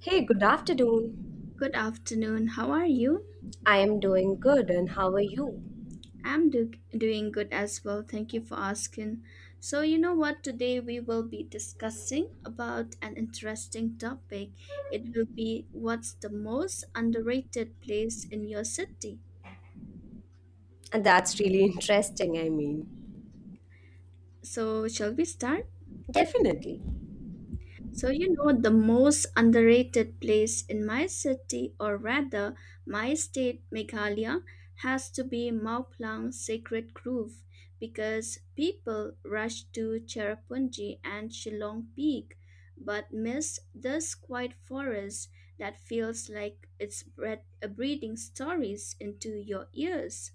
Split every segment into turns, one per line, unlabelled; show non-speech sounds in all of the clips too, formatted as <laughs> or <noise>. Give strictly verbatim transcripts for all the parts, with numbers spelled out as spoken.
Hey, good afternoon.
Good afternoon. How are you?
I am doing good, and how are you?
I'm do- doing good as well. Thank you for asking. So, you know what? Today we will be discussing about an interesting topic. It will be what's the most underrated place in your city.
And that's really <laughs> interesting, I mean.
So, shall we start?
Definitely.
So, you know, the most underrated place in my city, or rather my state, Meghalaya, has to be Mauplang Sacred Grove because people rush to Cherrapunji and Shillong Peak but miss this quiet forest that feels like it's breath- uh, breathing stories into your ears.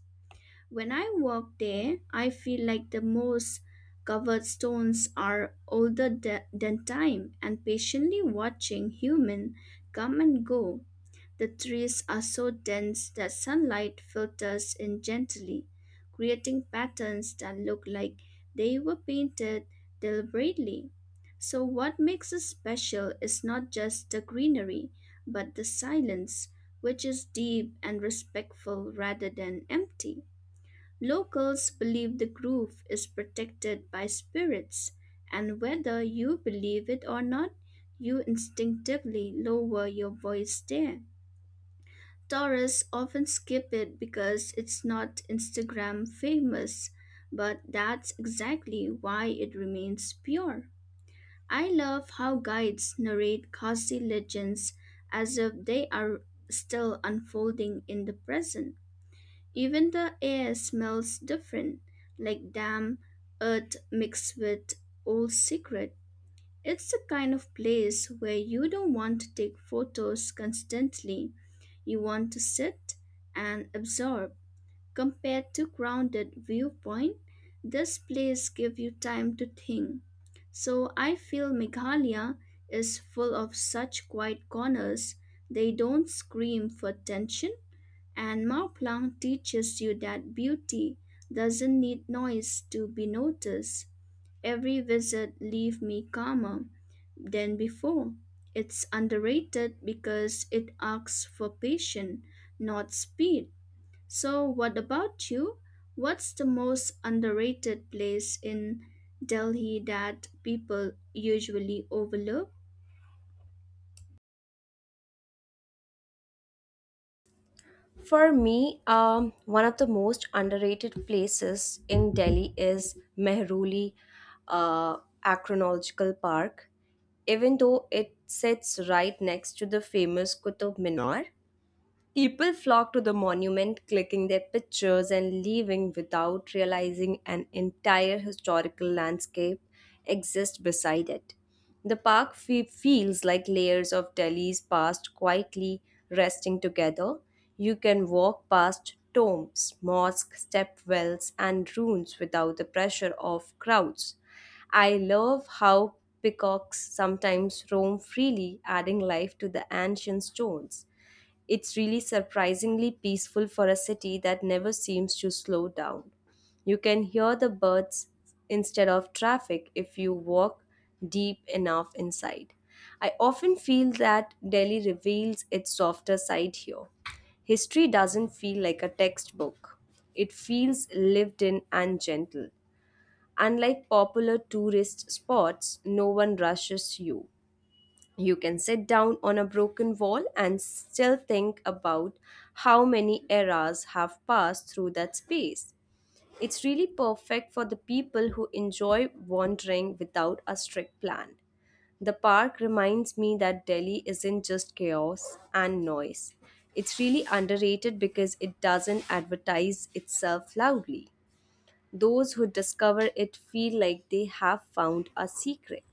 When I walk there, I feel like the moss covered stones are older th- than time and patiently watching human come and go. The trees are so dense that sunlight filters in gently, creating patterns that look like they were painted deliberately. So, what makes it special is not just the greenery, but the silence, which is deep and respectful rather than empty. Locals believe the groove is protected by spirits, and whether you believe it or not, you instinctively lower your voice there. Tourists often skip it because it's not Instagram famous, but that's exactly why it remains pure. I love how guides narrate Khasi legends as if they are still unfolding in the present. Even the air smells different, like damp earth mixed with old secret. It's the kind of place where you don't want to take photos constantly. You want to sit and absorb. Compared to grounded viewpoint, this place gives you time to think. So I feel Meghalaya is full of such quiet corners. They don't scream for attention and Marplan teaches you that beauty doesn't need noise to be noticed. Every visit leave me calmer than before. It's underrated because it asks for patience, not speed. So what about you? What's the most underrated place in Delhi that people usually overlook?
For me, um, one of the most underrated places in Delhi is Mehruli uh, Acronological Park, even though it sits right next to the famous Qutub Minar. People flocked to the monument, clicking their pictures and leaving without realizing an entire historical landscape exists beside it. The park fe- feels like layers of Delhi's past quietly resting together. You can walk past tombs, mosques, stepwells, and ruins without the pressure of crowds. I love how peacocks sometimes roam freely, adding life to the ancient stones. It's really surprisingly peaceful for a city that never seems to slow down. You can hear the birds instead of traffic if you walk deep enough inside. I often feel that Delhi reveals its softer side here. History doesn't feel like a textbook, it feels lived in and gentle. Unlike popular tourist spots, no one rushes you. You can sit down on a broken wall and still think about how many eras have passed through that space. It's really perfect for the people who enjoy wandering without a strict plan. The park reminds me that Delhi isn't just chaos and noise. It's really underrated because it doesn't advertise itself loudly. Those who discover it feel like they have found a secret.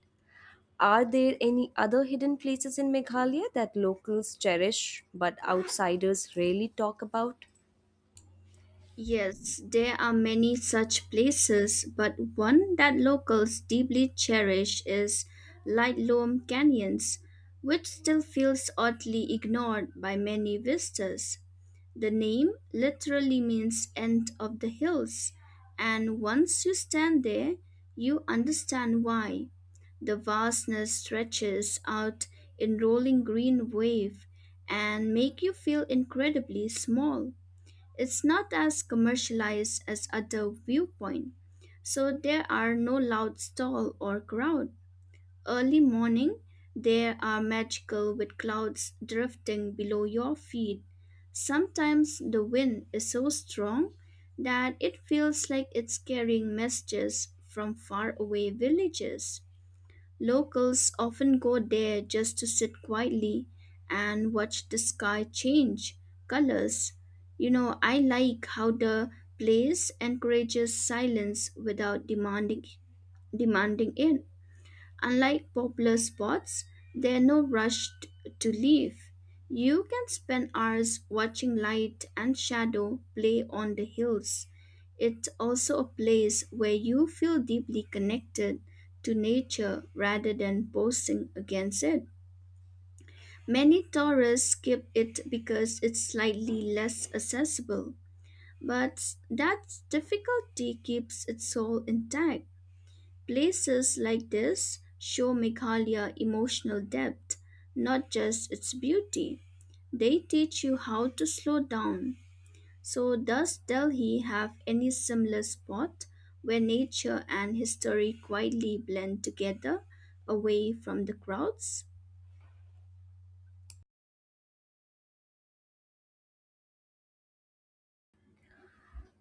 Are there any other hidden places in Meghalaya that locals cherish but outsiders rarely talk about?
Yes, there are many such places, but one that locals deeply cherish is Lightloam Canyons, which still feels oddly ignored by many visitors. The name literally means end of the hills, and once you stand there, you understand why. The vastness stretches out in rolling green wave and make you feel incredibly small. It's not as commercialized as other viewpoint, so there are no loud stall or crowd. Early morning, they are magical with clouds drifting below your feet. Sometimes the wind is so strong that it feels like it's carrying messages from faraway villages. Locals often go there just to sit quietly and watch the sky change colors. You know, I like how the place encourages silence without demanding demanding it. Unlike popular spots, there are no rush t- to leave. You can spend hours watching light and shadow play on the hills. It's also a place where you feel deeply connected to nature rather than posing against it. Many tourists skip it because it's slightly less accessible, but that difficulty keeps its soul intact. Places like this show Meghalaya emotional depth, not just its beauty. They teach you how to slow down, so, does Delhi have any similar spot where nature and history quietly blend together away from the crowds?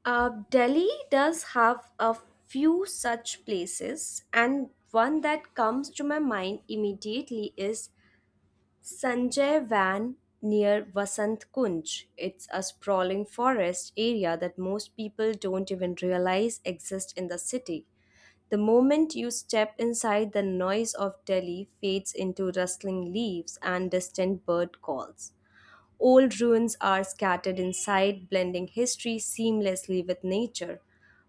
Uh, Delhi does have a few such places, and one that comes to my mind immediately is Sanjay Van near Vasant Kunj. It's a sprawling forest area that most people don't even realize exists in the city. The moment you step inside, the noise of Delhi fades into rustling leaves and distant bird calls. Old ruins are scattered inside, blending history seamlessly with nature.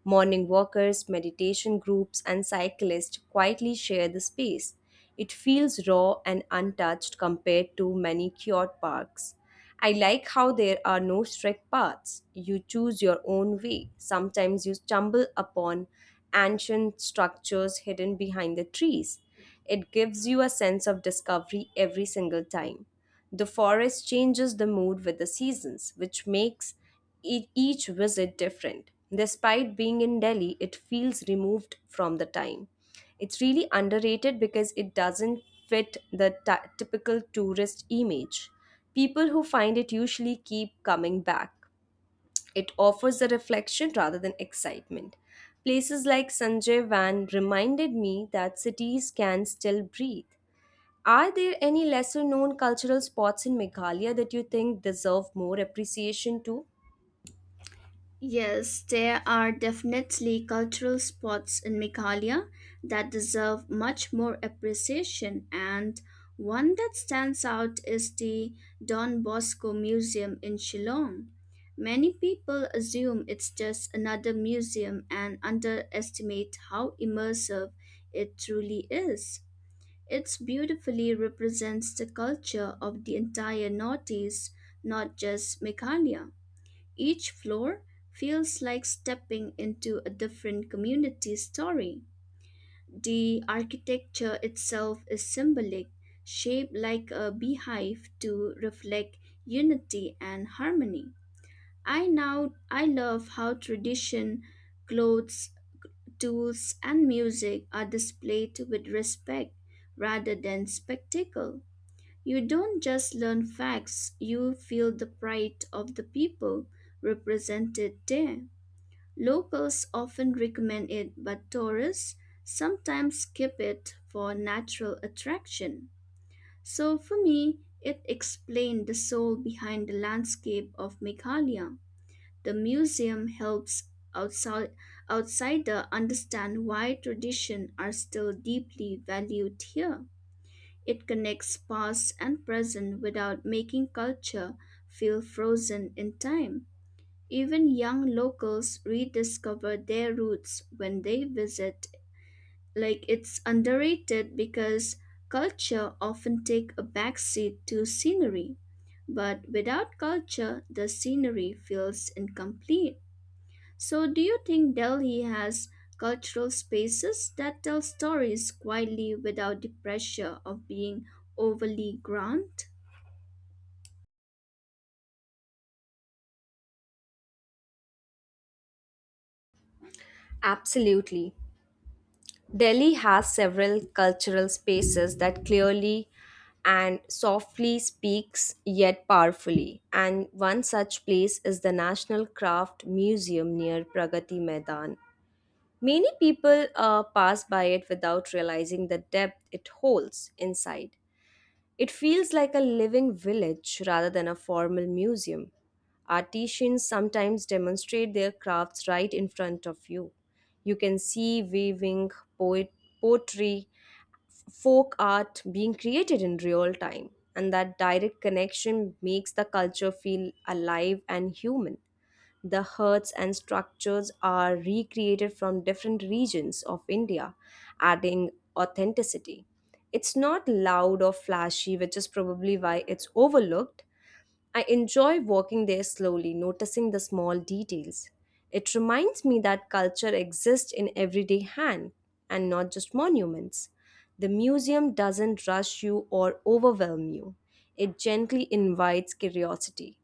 Morning walkers, meditation groups, and cyclists quietly share the space. It feels raw and untouched compared to many cured parks. I like how there are no strict paths. You choose your own way. Sometimes you stumble upon ancient structures hidden behind the trees. It gives you a sense of discovery every single time. The forest changes the mood with the seasons, which makes e- each visit different. Despite being in Delhi, it feels removed from the time. It's really underrated because it doesn't fit the ty- typical tourist image. People who find it usually keep coming back. It offers a reflection rather than excitement. Places like Sanjay Van reminded me that cities can still breathe. Are there any lesser known cultural spots in Meghalaya that you think deserve more appreciation too?
Yes, there are definitely cultural spots in Meghalaya that deserve much more appreciation, and one that stands out is the Don Bosco Museum in Shillong. Many people assume it's just another museum and underestimate how immersive it truly is. It beautifully represents the culture of the entire Northeast, not just Meghalaya. Each floor feels like stepping into a different community story. The architecture itself is symbolic, shaped like a beehive to reflect unity and harmony. I now I love how tradition, clothes, tools and music are displayed with respect rather than spectacle. You don't just learn facts, you feel the pride of the people represented there. Locals often recommend it, but tourists sometimes skip it for natural attraction. So for me, it explained the soul behind the landscape of Meghalaya. The museum helps outside outsider understand why traditions are still deeply valued here. It connects past and present without making culture feel frozen in time. Even young locals rediscover their roots when they visit. Like it's underrated because culture often take a backseat to scenery. But without culture, the scenery feels incomplete. So do you think Delhi has cultural spaces that tell stories quietly without the pressure of being overly grand?
Absolutely. Delhi has several cultural spaces that clearly and softly speaks yet powerfully. And one such place is the National Craft Museum near Pragati Maidan. Many people uh, pass by it without realizing the depth it holds inside. It feels like a living village rather than a formal museum. Artisans sometimes demonstrate their crafts right in front of you. You can see weaving, poet, poetry, folk art being created in real time, and that direct connection makes the culture feel alive and human. The huts and structures are recreated from different regions of India, adding authenticity. It's not loud or flashy, which is probably why it's overlooked. I enjoy walking there slowly, noticing the small details. It reminds me that culture exists in everyday hand and not just monuments. The museum doesn't rush you or overwhelm you, it gently invites curiosity.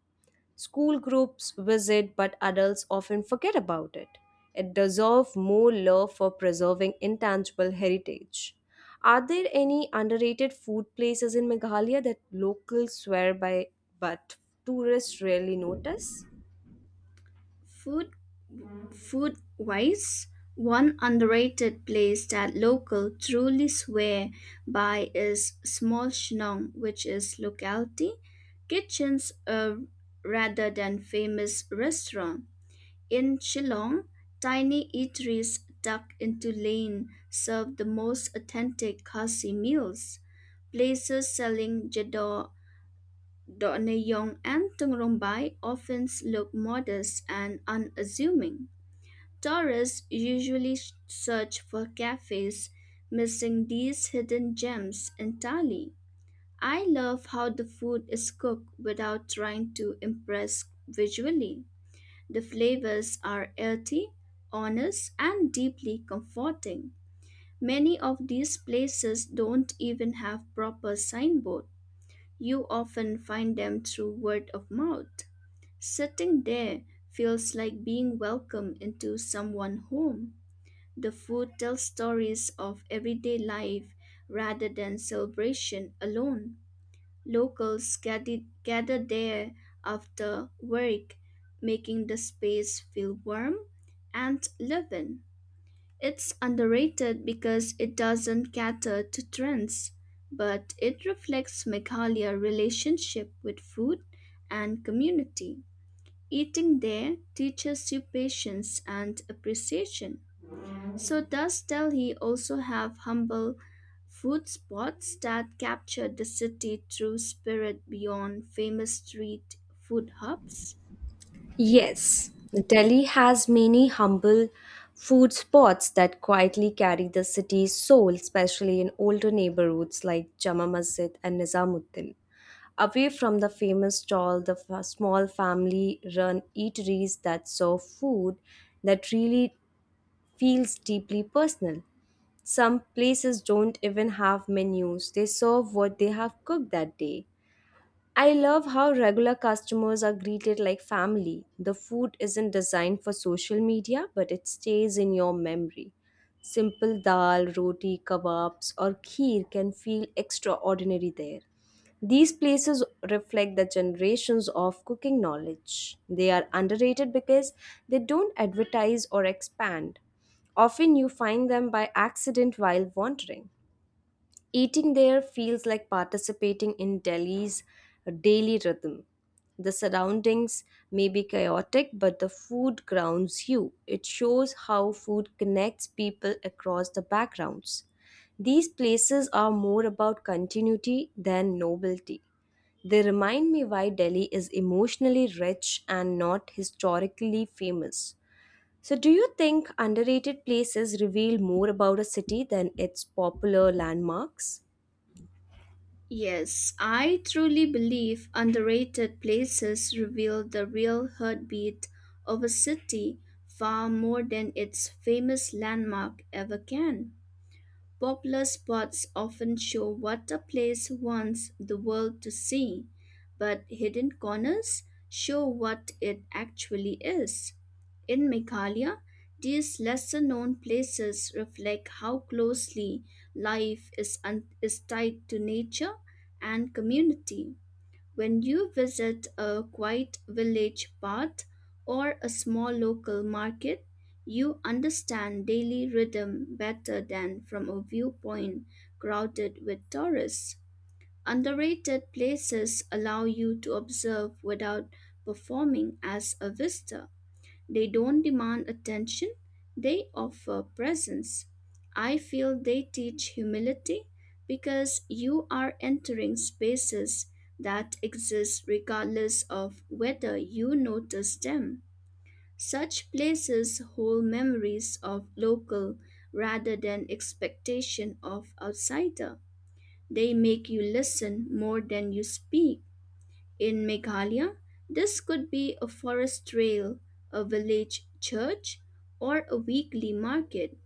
School groups visit, but adults often forget about it. It deserves more love for preserving intangible heritage. Are there any underrated food places in Meghalaya that locals swear by but tourists rarely notice?
Food Food wise, one underrated place that local truly swear by is Small Shnong, which is locality kitchens uh, rather than famous restaurant. In Shillong, tiny eateries tucked into lane serve the most authentic kasi meals. Places selling jador, doneyyong, and tungrong bai often look modest and unassuming. Tourists usually s- search for cafes, missing these hidden gems entirely. I love how the food is cooked without trying to impress visually. The flavors are earthy, honest, and deeply comforting. Many of these places don't even have proper signboard. You often find them through word of mouth. Sitting there feels like being welcomed into someone's home. The food tells stories of everyday life rather than celebration alone. Locals gather, gather there after work, making the space feel warm and living. It's underrated because it doesn't cater to trends, but it reflects Meghala's relationship with food and community. Eating there teaches you patience and appreciation. So does Delhi also have humble food spots that captured the city through spirit beyond famous street food hubs?
Yes, Delhi has many humble food spots that quietly carry the city's soul, especially in older neighborhoods like Jama Masjid and Nizamuddin. Away from the famous stall, the f- small family run eateries that serve food that really feels deeply personal. Some places don't even have menus, they serve what they have cooked that day. I love how regular customers are greeted like family. The food isn't designed for social media, but it stays in your memory. Simple dal, roti, kebabs, or kheer can feel extraordinary there. These places reflect the generations of cooking knowledge. They are underrated because they don't advertise or expand. Often you find them by accident while wandering. Eating there feels like participating in Delhi's daily rhythm. The surroundings may be chaotic, but the food grounds you. It shows how food connects people across the backgrounds. These places are more about continuity than novelty. They remind me why Delhi is emotionally rich and not historically famous. So, do you think underrated places reveal more about a city than its popular landmarks?
Yes, I truly believe underrated places reveal the real heartbeat of a city far more than its famous landmark ever can. Popular spots often show what a place wants the world to see, but hidden corners show what it actually is. In Meghalaya, these lesser known places reflect how closely life is, un- is tied to nature and community. When you visit a quiet village path or a small local market, you understand daily rhythm better than from a viewpoint crowded with tourists. Underrated places allow you to observe without performing as a visitor. They don't demand attention, they offer presence. I feel they teach humility because you are entering spaces that exist regardless of whether you notice them. Such places hold memories of local rather than expectation of outsider. They make you listen more than you speak. In Meghalaya, this could be a forest trail, a village church, or a weekly market.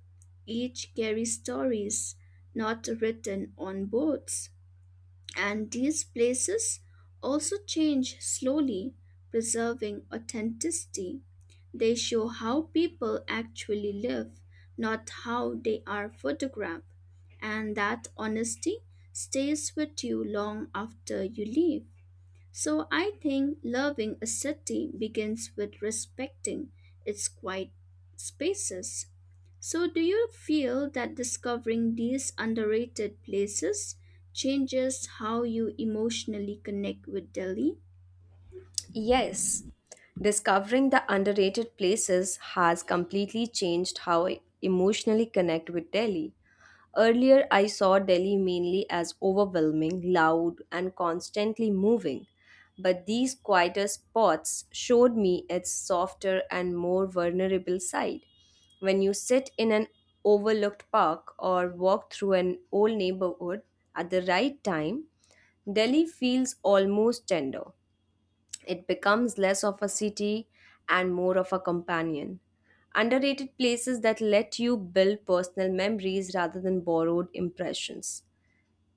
Each carries stories not written on boards. And these places also change slowly, preserving authenticity. They show how people actually live, not how they are photographed. And that honesty stays with you long after you leave. So I think loving a city begins with respecting its quiet spaces. So do you feel that discovering these underrated places changes how you emotionally connect with Delhi?
Yes, discovering the underrated places has completely changed how I emotionally connect with Delhi. Earlier, I saw Delhi mainly as overwhelming, loud, and constantly moving. But these quieter spots showed me its softer and more vulnerable side. When you sit in an overlooked park or walk through an old neighborhood at the right time, Delhi feels almost tender. It becomes less of a city and more of a companion. Underrated places that let you build personal memories rather than borrowed impressions.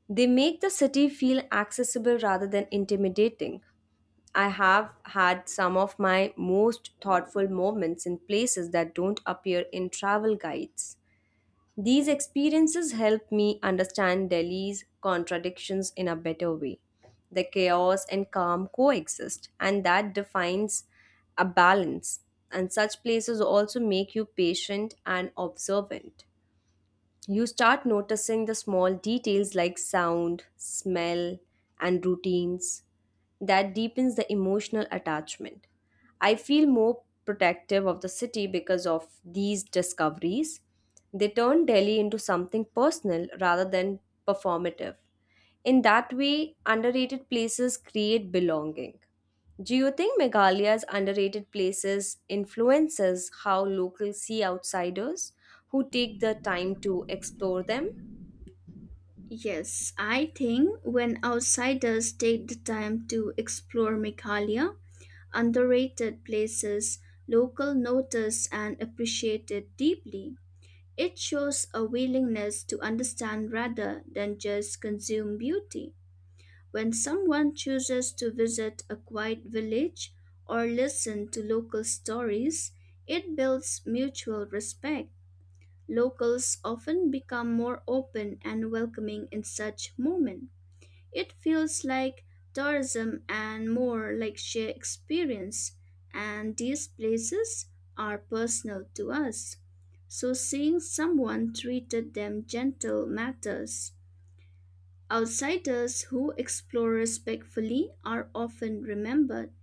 They make the city feel accessible rather than intimidating. I have had some of my most thoughtful moments in places that don't appear in travel guides. These experiences help me understand Delhi's contradictions in a better way. The chaos and calm coexist, and that defines a balance. And such places also make you patient and observant. You start noticing the small details like sound, smell, and routines. That deepens the emotional attachment. I feel more protective of the city because of these discoveries. They turn Delhi into something personal rather than performative. In that way, underrated places create belonging. Do you think Meghalaya's underrated places influences how locals see outsiders who take the time to explore them?
Yes, I think when outsiders take the time to explore Meghalaya, underrated places, local notice and appreciate it deeply. It shows a willingness to understand rather than just consume beauty. When someone chooses to visit a quiet village or listen to local stories, it builds mutual respect. Locals often become more open and welcoming in such moments. It feels like tourism and more like shared experience, and these places are personal to us. So seeing someone treated them gentle matters. Outsiders who explore respectfully are often remembered.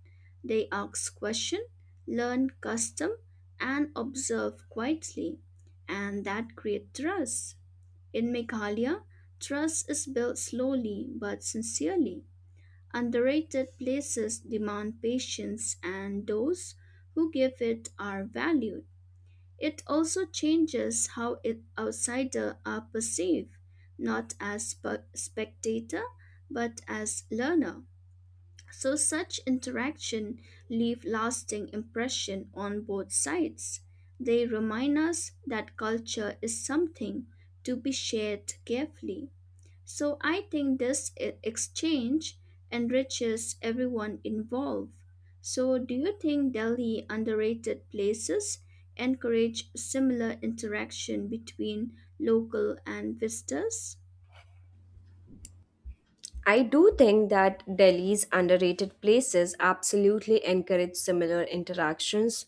They ask questions, learn custom, and observe quietly, and that creates trust. In Meghalaya, trust is built slowly but sincerely. Underrated places demand patience, and those who give it are valued. It also changes how it, outsiders are perceived, not as spe- spectator, but as learner. So such interaction leave lasting impression on both sides. They remind us that culture is something to be shared carefully. So I think this e- exchange enriches everyone involved. So do you think Delhi underrated places encourage similar interaction between local and visitors?
I do think that Delhi's underrated places absolutely encourage similar interactions,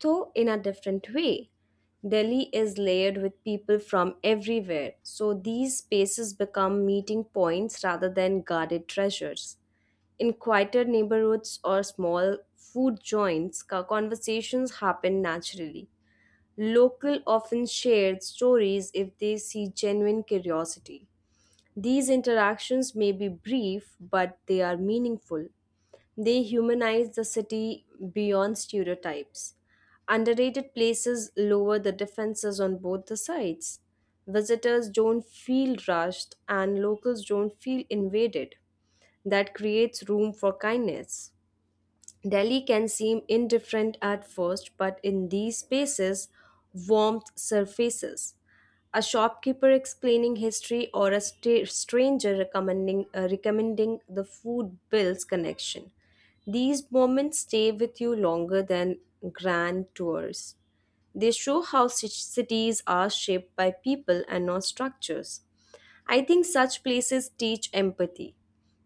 though in a different way. Delhi is layered with people from everywhere, so these spaces become meeting points rather than guarded treasures. In quieter neighborhoods or small food joints, co- conversations happen naturally. Local often share stories if they see genuine curiosity. These interactions may be brief, but they are meaningful. They humanize the city beyond stereotypes. Underrated places lower the defenses on both the sides. Visitors don't feel rushed, and locals don't feel invaded. That creates room for kindness. Delhi can seem indifferent at first, but in these spaces, warmth surfaces. A shopkeeper explaining history or a sta- stranger recommending, uh, recommending the food builds connection. These moments stay with you longer than grand tours. They show how ci- cities are shaped by people and not structures. I think such places teach empathy.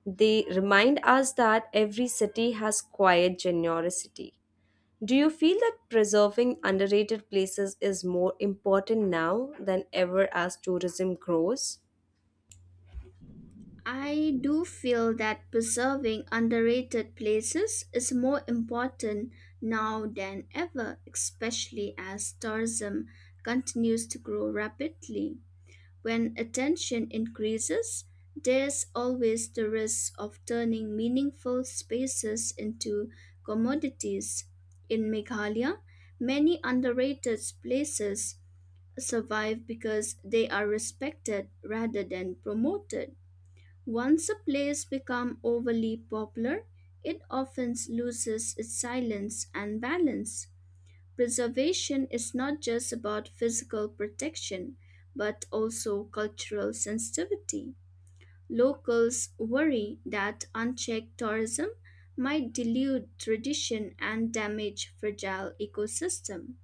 They remind us that every city has quiet generosity. Do you feel that preserving underrated places is more important now than ever as tourism grows?
I do feel that preserving underrated places is more important now than ever, especially as tourism continues to grow rapidly. When attention increases, there's always the risk of turning meaningful spaces into commodities. In Meghalaya, many underrated places survive because they are respected rather than promoted. Once a place becomes overly popular, it often loses its silence and balance. Preservation is not just about physical protection, but also cultural sensitivity. Locals worry that unchecked tourism might dilute tradition and damage fragile ecosystem.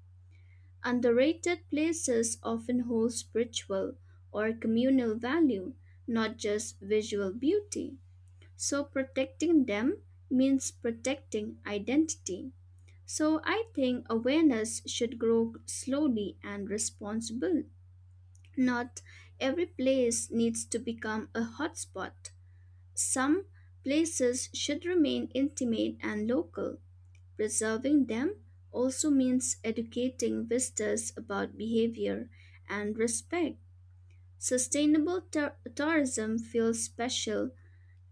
Underrated places often hold spiritual or communal value, not just visual beauty. So protecting them means protecting identity. So I think awareness should grow slowly and responsible. Not every place needs to become a hotspot. Some places should remain intimate and local. Preserving them also means educating visitors about behavior and respect. Sustainable tour- tourism feels special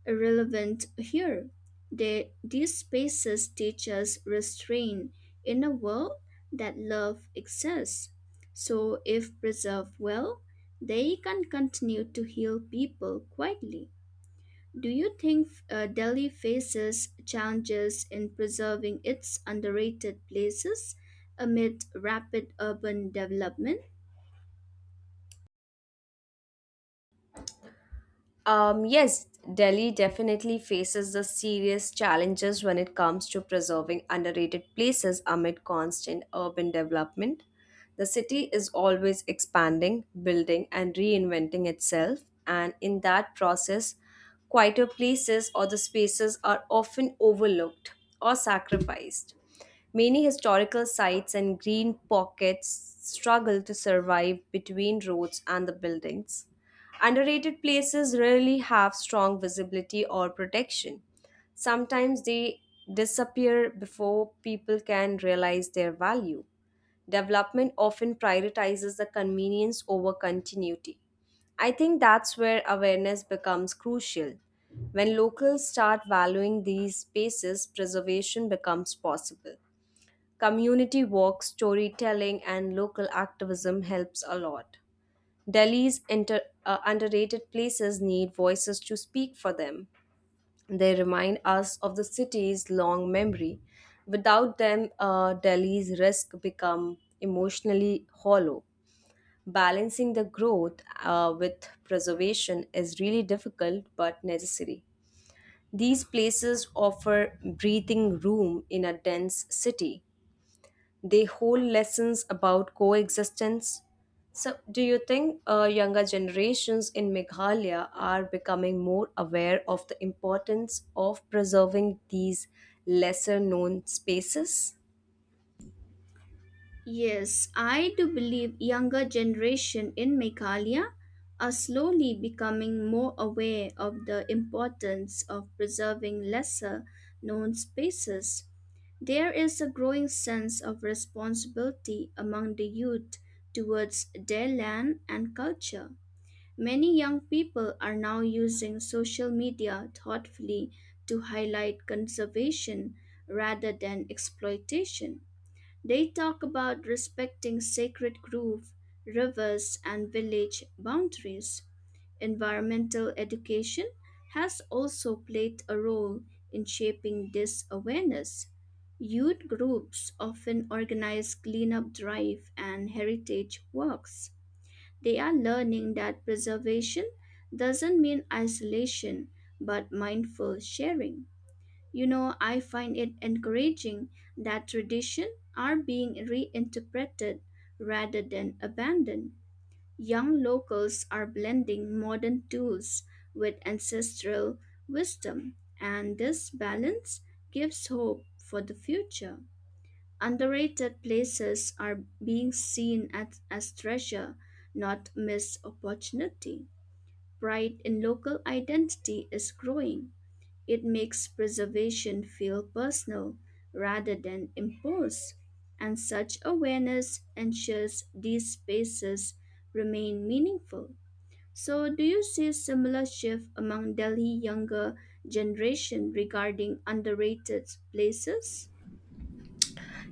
relevant here. They, these spaces teach us restraint in a world that love exists. So, if preserved well, they can continue to heal people quietly. Do you think uh, Delhi faces challenges in preserving its underrated places amid rapid urban development?
Um, yes, Delhi definitely faces the serious challenges when it comes to preserving underrated places amid constant urban development. The city is always expanding, building, and reinventing itself, and in that process, quieter places or the spaces are often overlooked or sacrificed. Many historical sites and green pockets struggle to survive between roads and the buildings. Underrated places rarely have strong visibility or protection. Sometimes they disappear before people can realize their value. Development often prioritizes the convenience over continuity. I think that's where awareness becomes crucial. When locals start valuing these spaces, preservation becomes possible. Community work, storytelling, and local activism helps a lot. Delhi's inter, uh, underrated places need voices to speak for them. They remind us of the city's long memory. Without them, uh, Delhi's risk become emotionally hollow. Balancing the growth uh, with preservation is really difficult but necessary. These places offer breathing room in a dense city, they hold lessons about coexistence. So, do you think uh, younger generations in Meghalaya are becoming more aware of the importance of preserving these lesser known spaces?
Yes, I do believe younger generation in Meghalaya are slowly becoming more aware of the importance of preserving lesser known spaces. There is a growing sense of responsibility among the youth towards their land and culture. Many young people are now using social media thoughtfully to highlight conservation rather than exploitation. They talk about respecting sacred grove, rivers, and village boundaries. Environmental education has also played a role in shaping this awareness. Youth groups often organize cleanup drive and heritage walks. They are learning that preservation doesn't mean isolation, but mindful sharing. You know, I find it encouraging that traditions are being reinterpreted rather than abandoned. Young locals are blending modern tools with ancestral wisdom, and this balance gives hope for the future. Underrated places are being seen at, as treasure, not missed opportunity. Pride in local identity is growing it makes preservation feel personal rather than imposed, and such awareness ensures these spaces remain meaningful. So, do you see similar shift among Delhi younger generation regarding underrated places?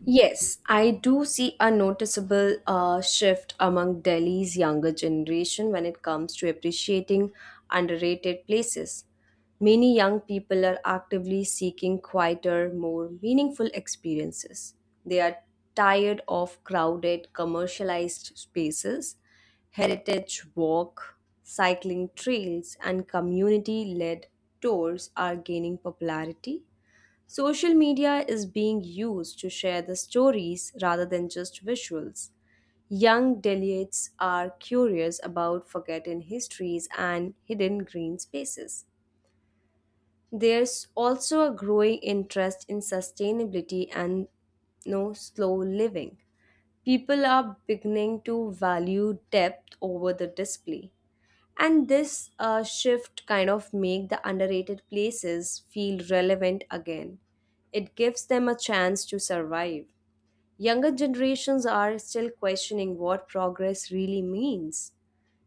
Yes, I do see a noticeable uh, shift among Delhi's younger generation when it comes to appreciating underrated places. Many young people are actively seeking quieter, more meaningful experiences. They are tired of crowded, commercialized spaces, heritage walk, cycling trails, and community led tours are gaining popularity. Social media is being used to share the stories rather than just visuals. Young delegates are curious about forgotten histories and hidden green spaces. There's also a growing interest in sustainability and no slow living. People are beginning to value depth over the display, and this uh, shift kind of make the underrated places feel relevant again. It gives them a chance to survive. Younger generations are still questioning what progress really means.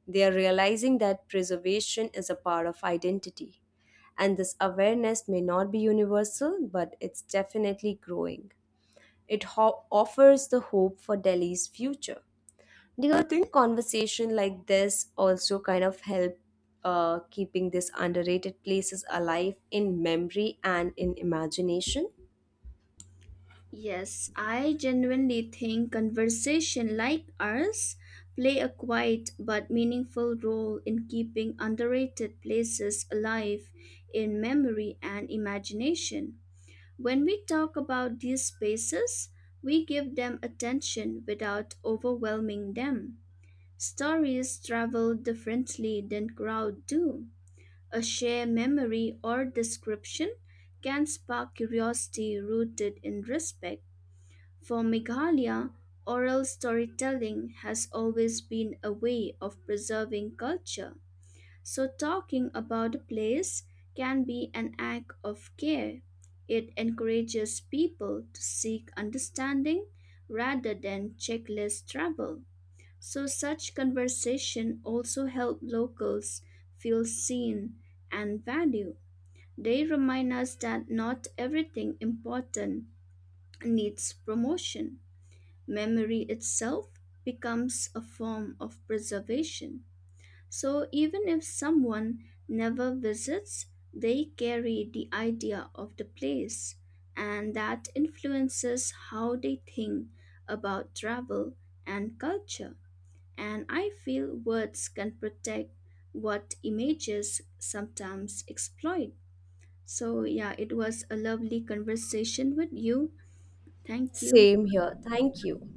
They are realizing that preservation is a part of identity, and this awareness may not be universal but it's definitely growing. It ho- offers the hope for Delhi's future. Do you think conversation like this also kind of help uh, keeping these underrated places alive in memory and in imagination?
Yes, I genuinely think conversation like ours play a quiet but meaningful role in keeping underrated places alive in memory and imagination. When we talk about these spaces, we give them attention without overwhelming them. Stories travel differently than crowd do. A shared memory or description can spark curiosity rooted in respect. For Meghalaya, oral storytelling has always been a way of preserving culture, so talking about a place can be an act of care. It encourages people to seek understanding rather than checklist travel. So, such conversation also help locals feel seen and valued. They remind us that not everything important needs promotion. Memory itself becomes a form of preservation. So even if someone never visits, they carry the idea of the place, and that influences how they think about travel and culture. And I feel words can protect what images sometimes exploit. So, yeah, it was a lovely conversation with you. Thank you.
Same here. Thank you.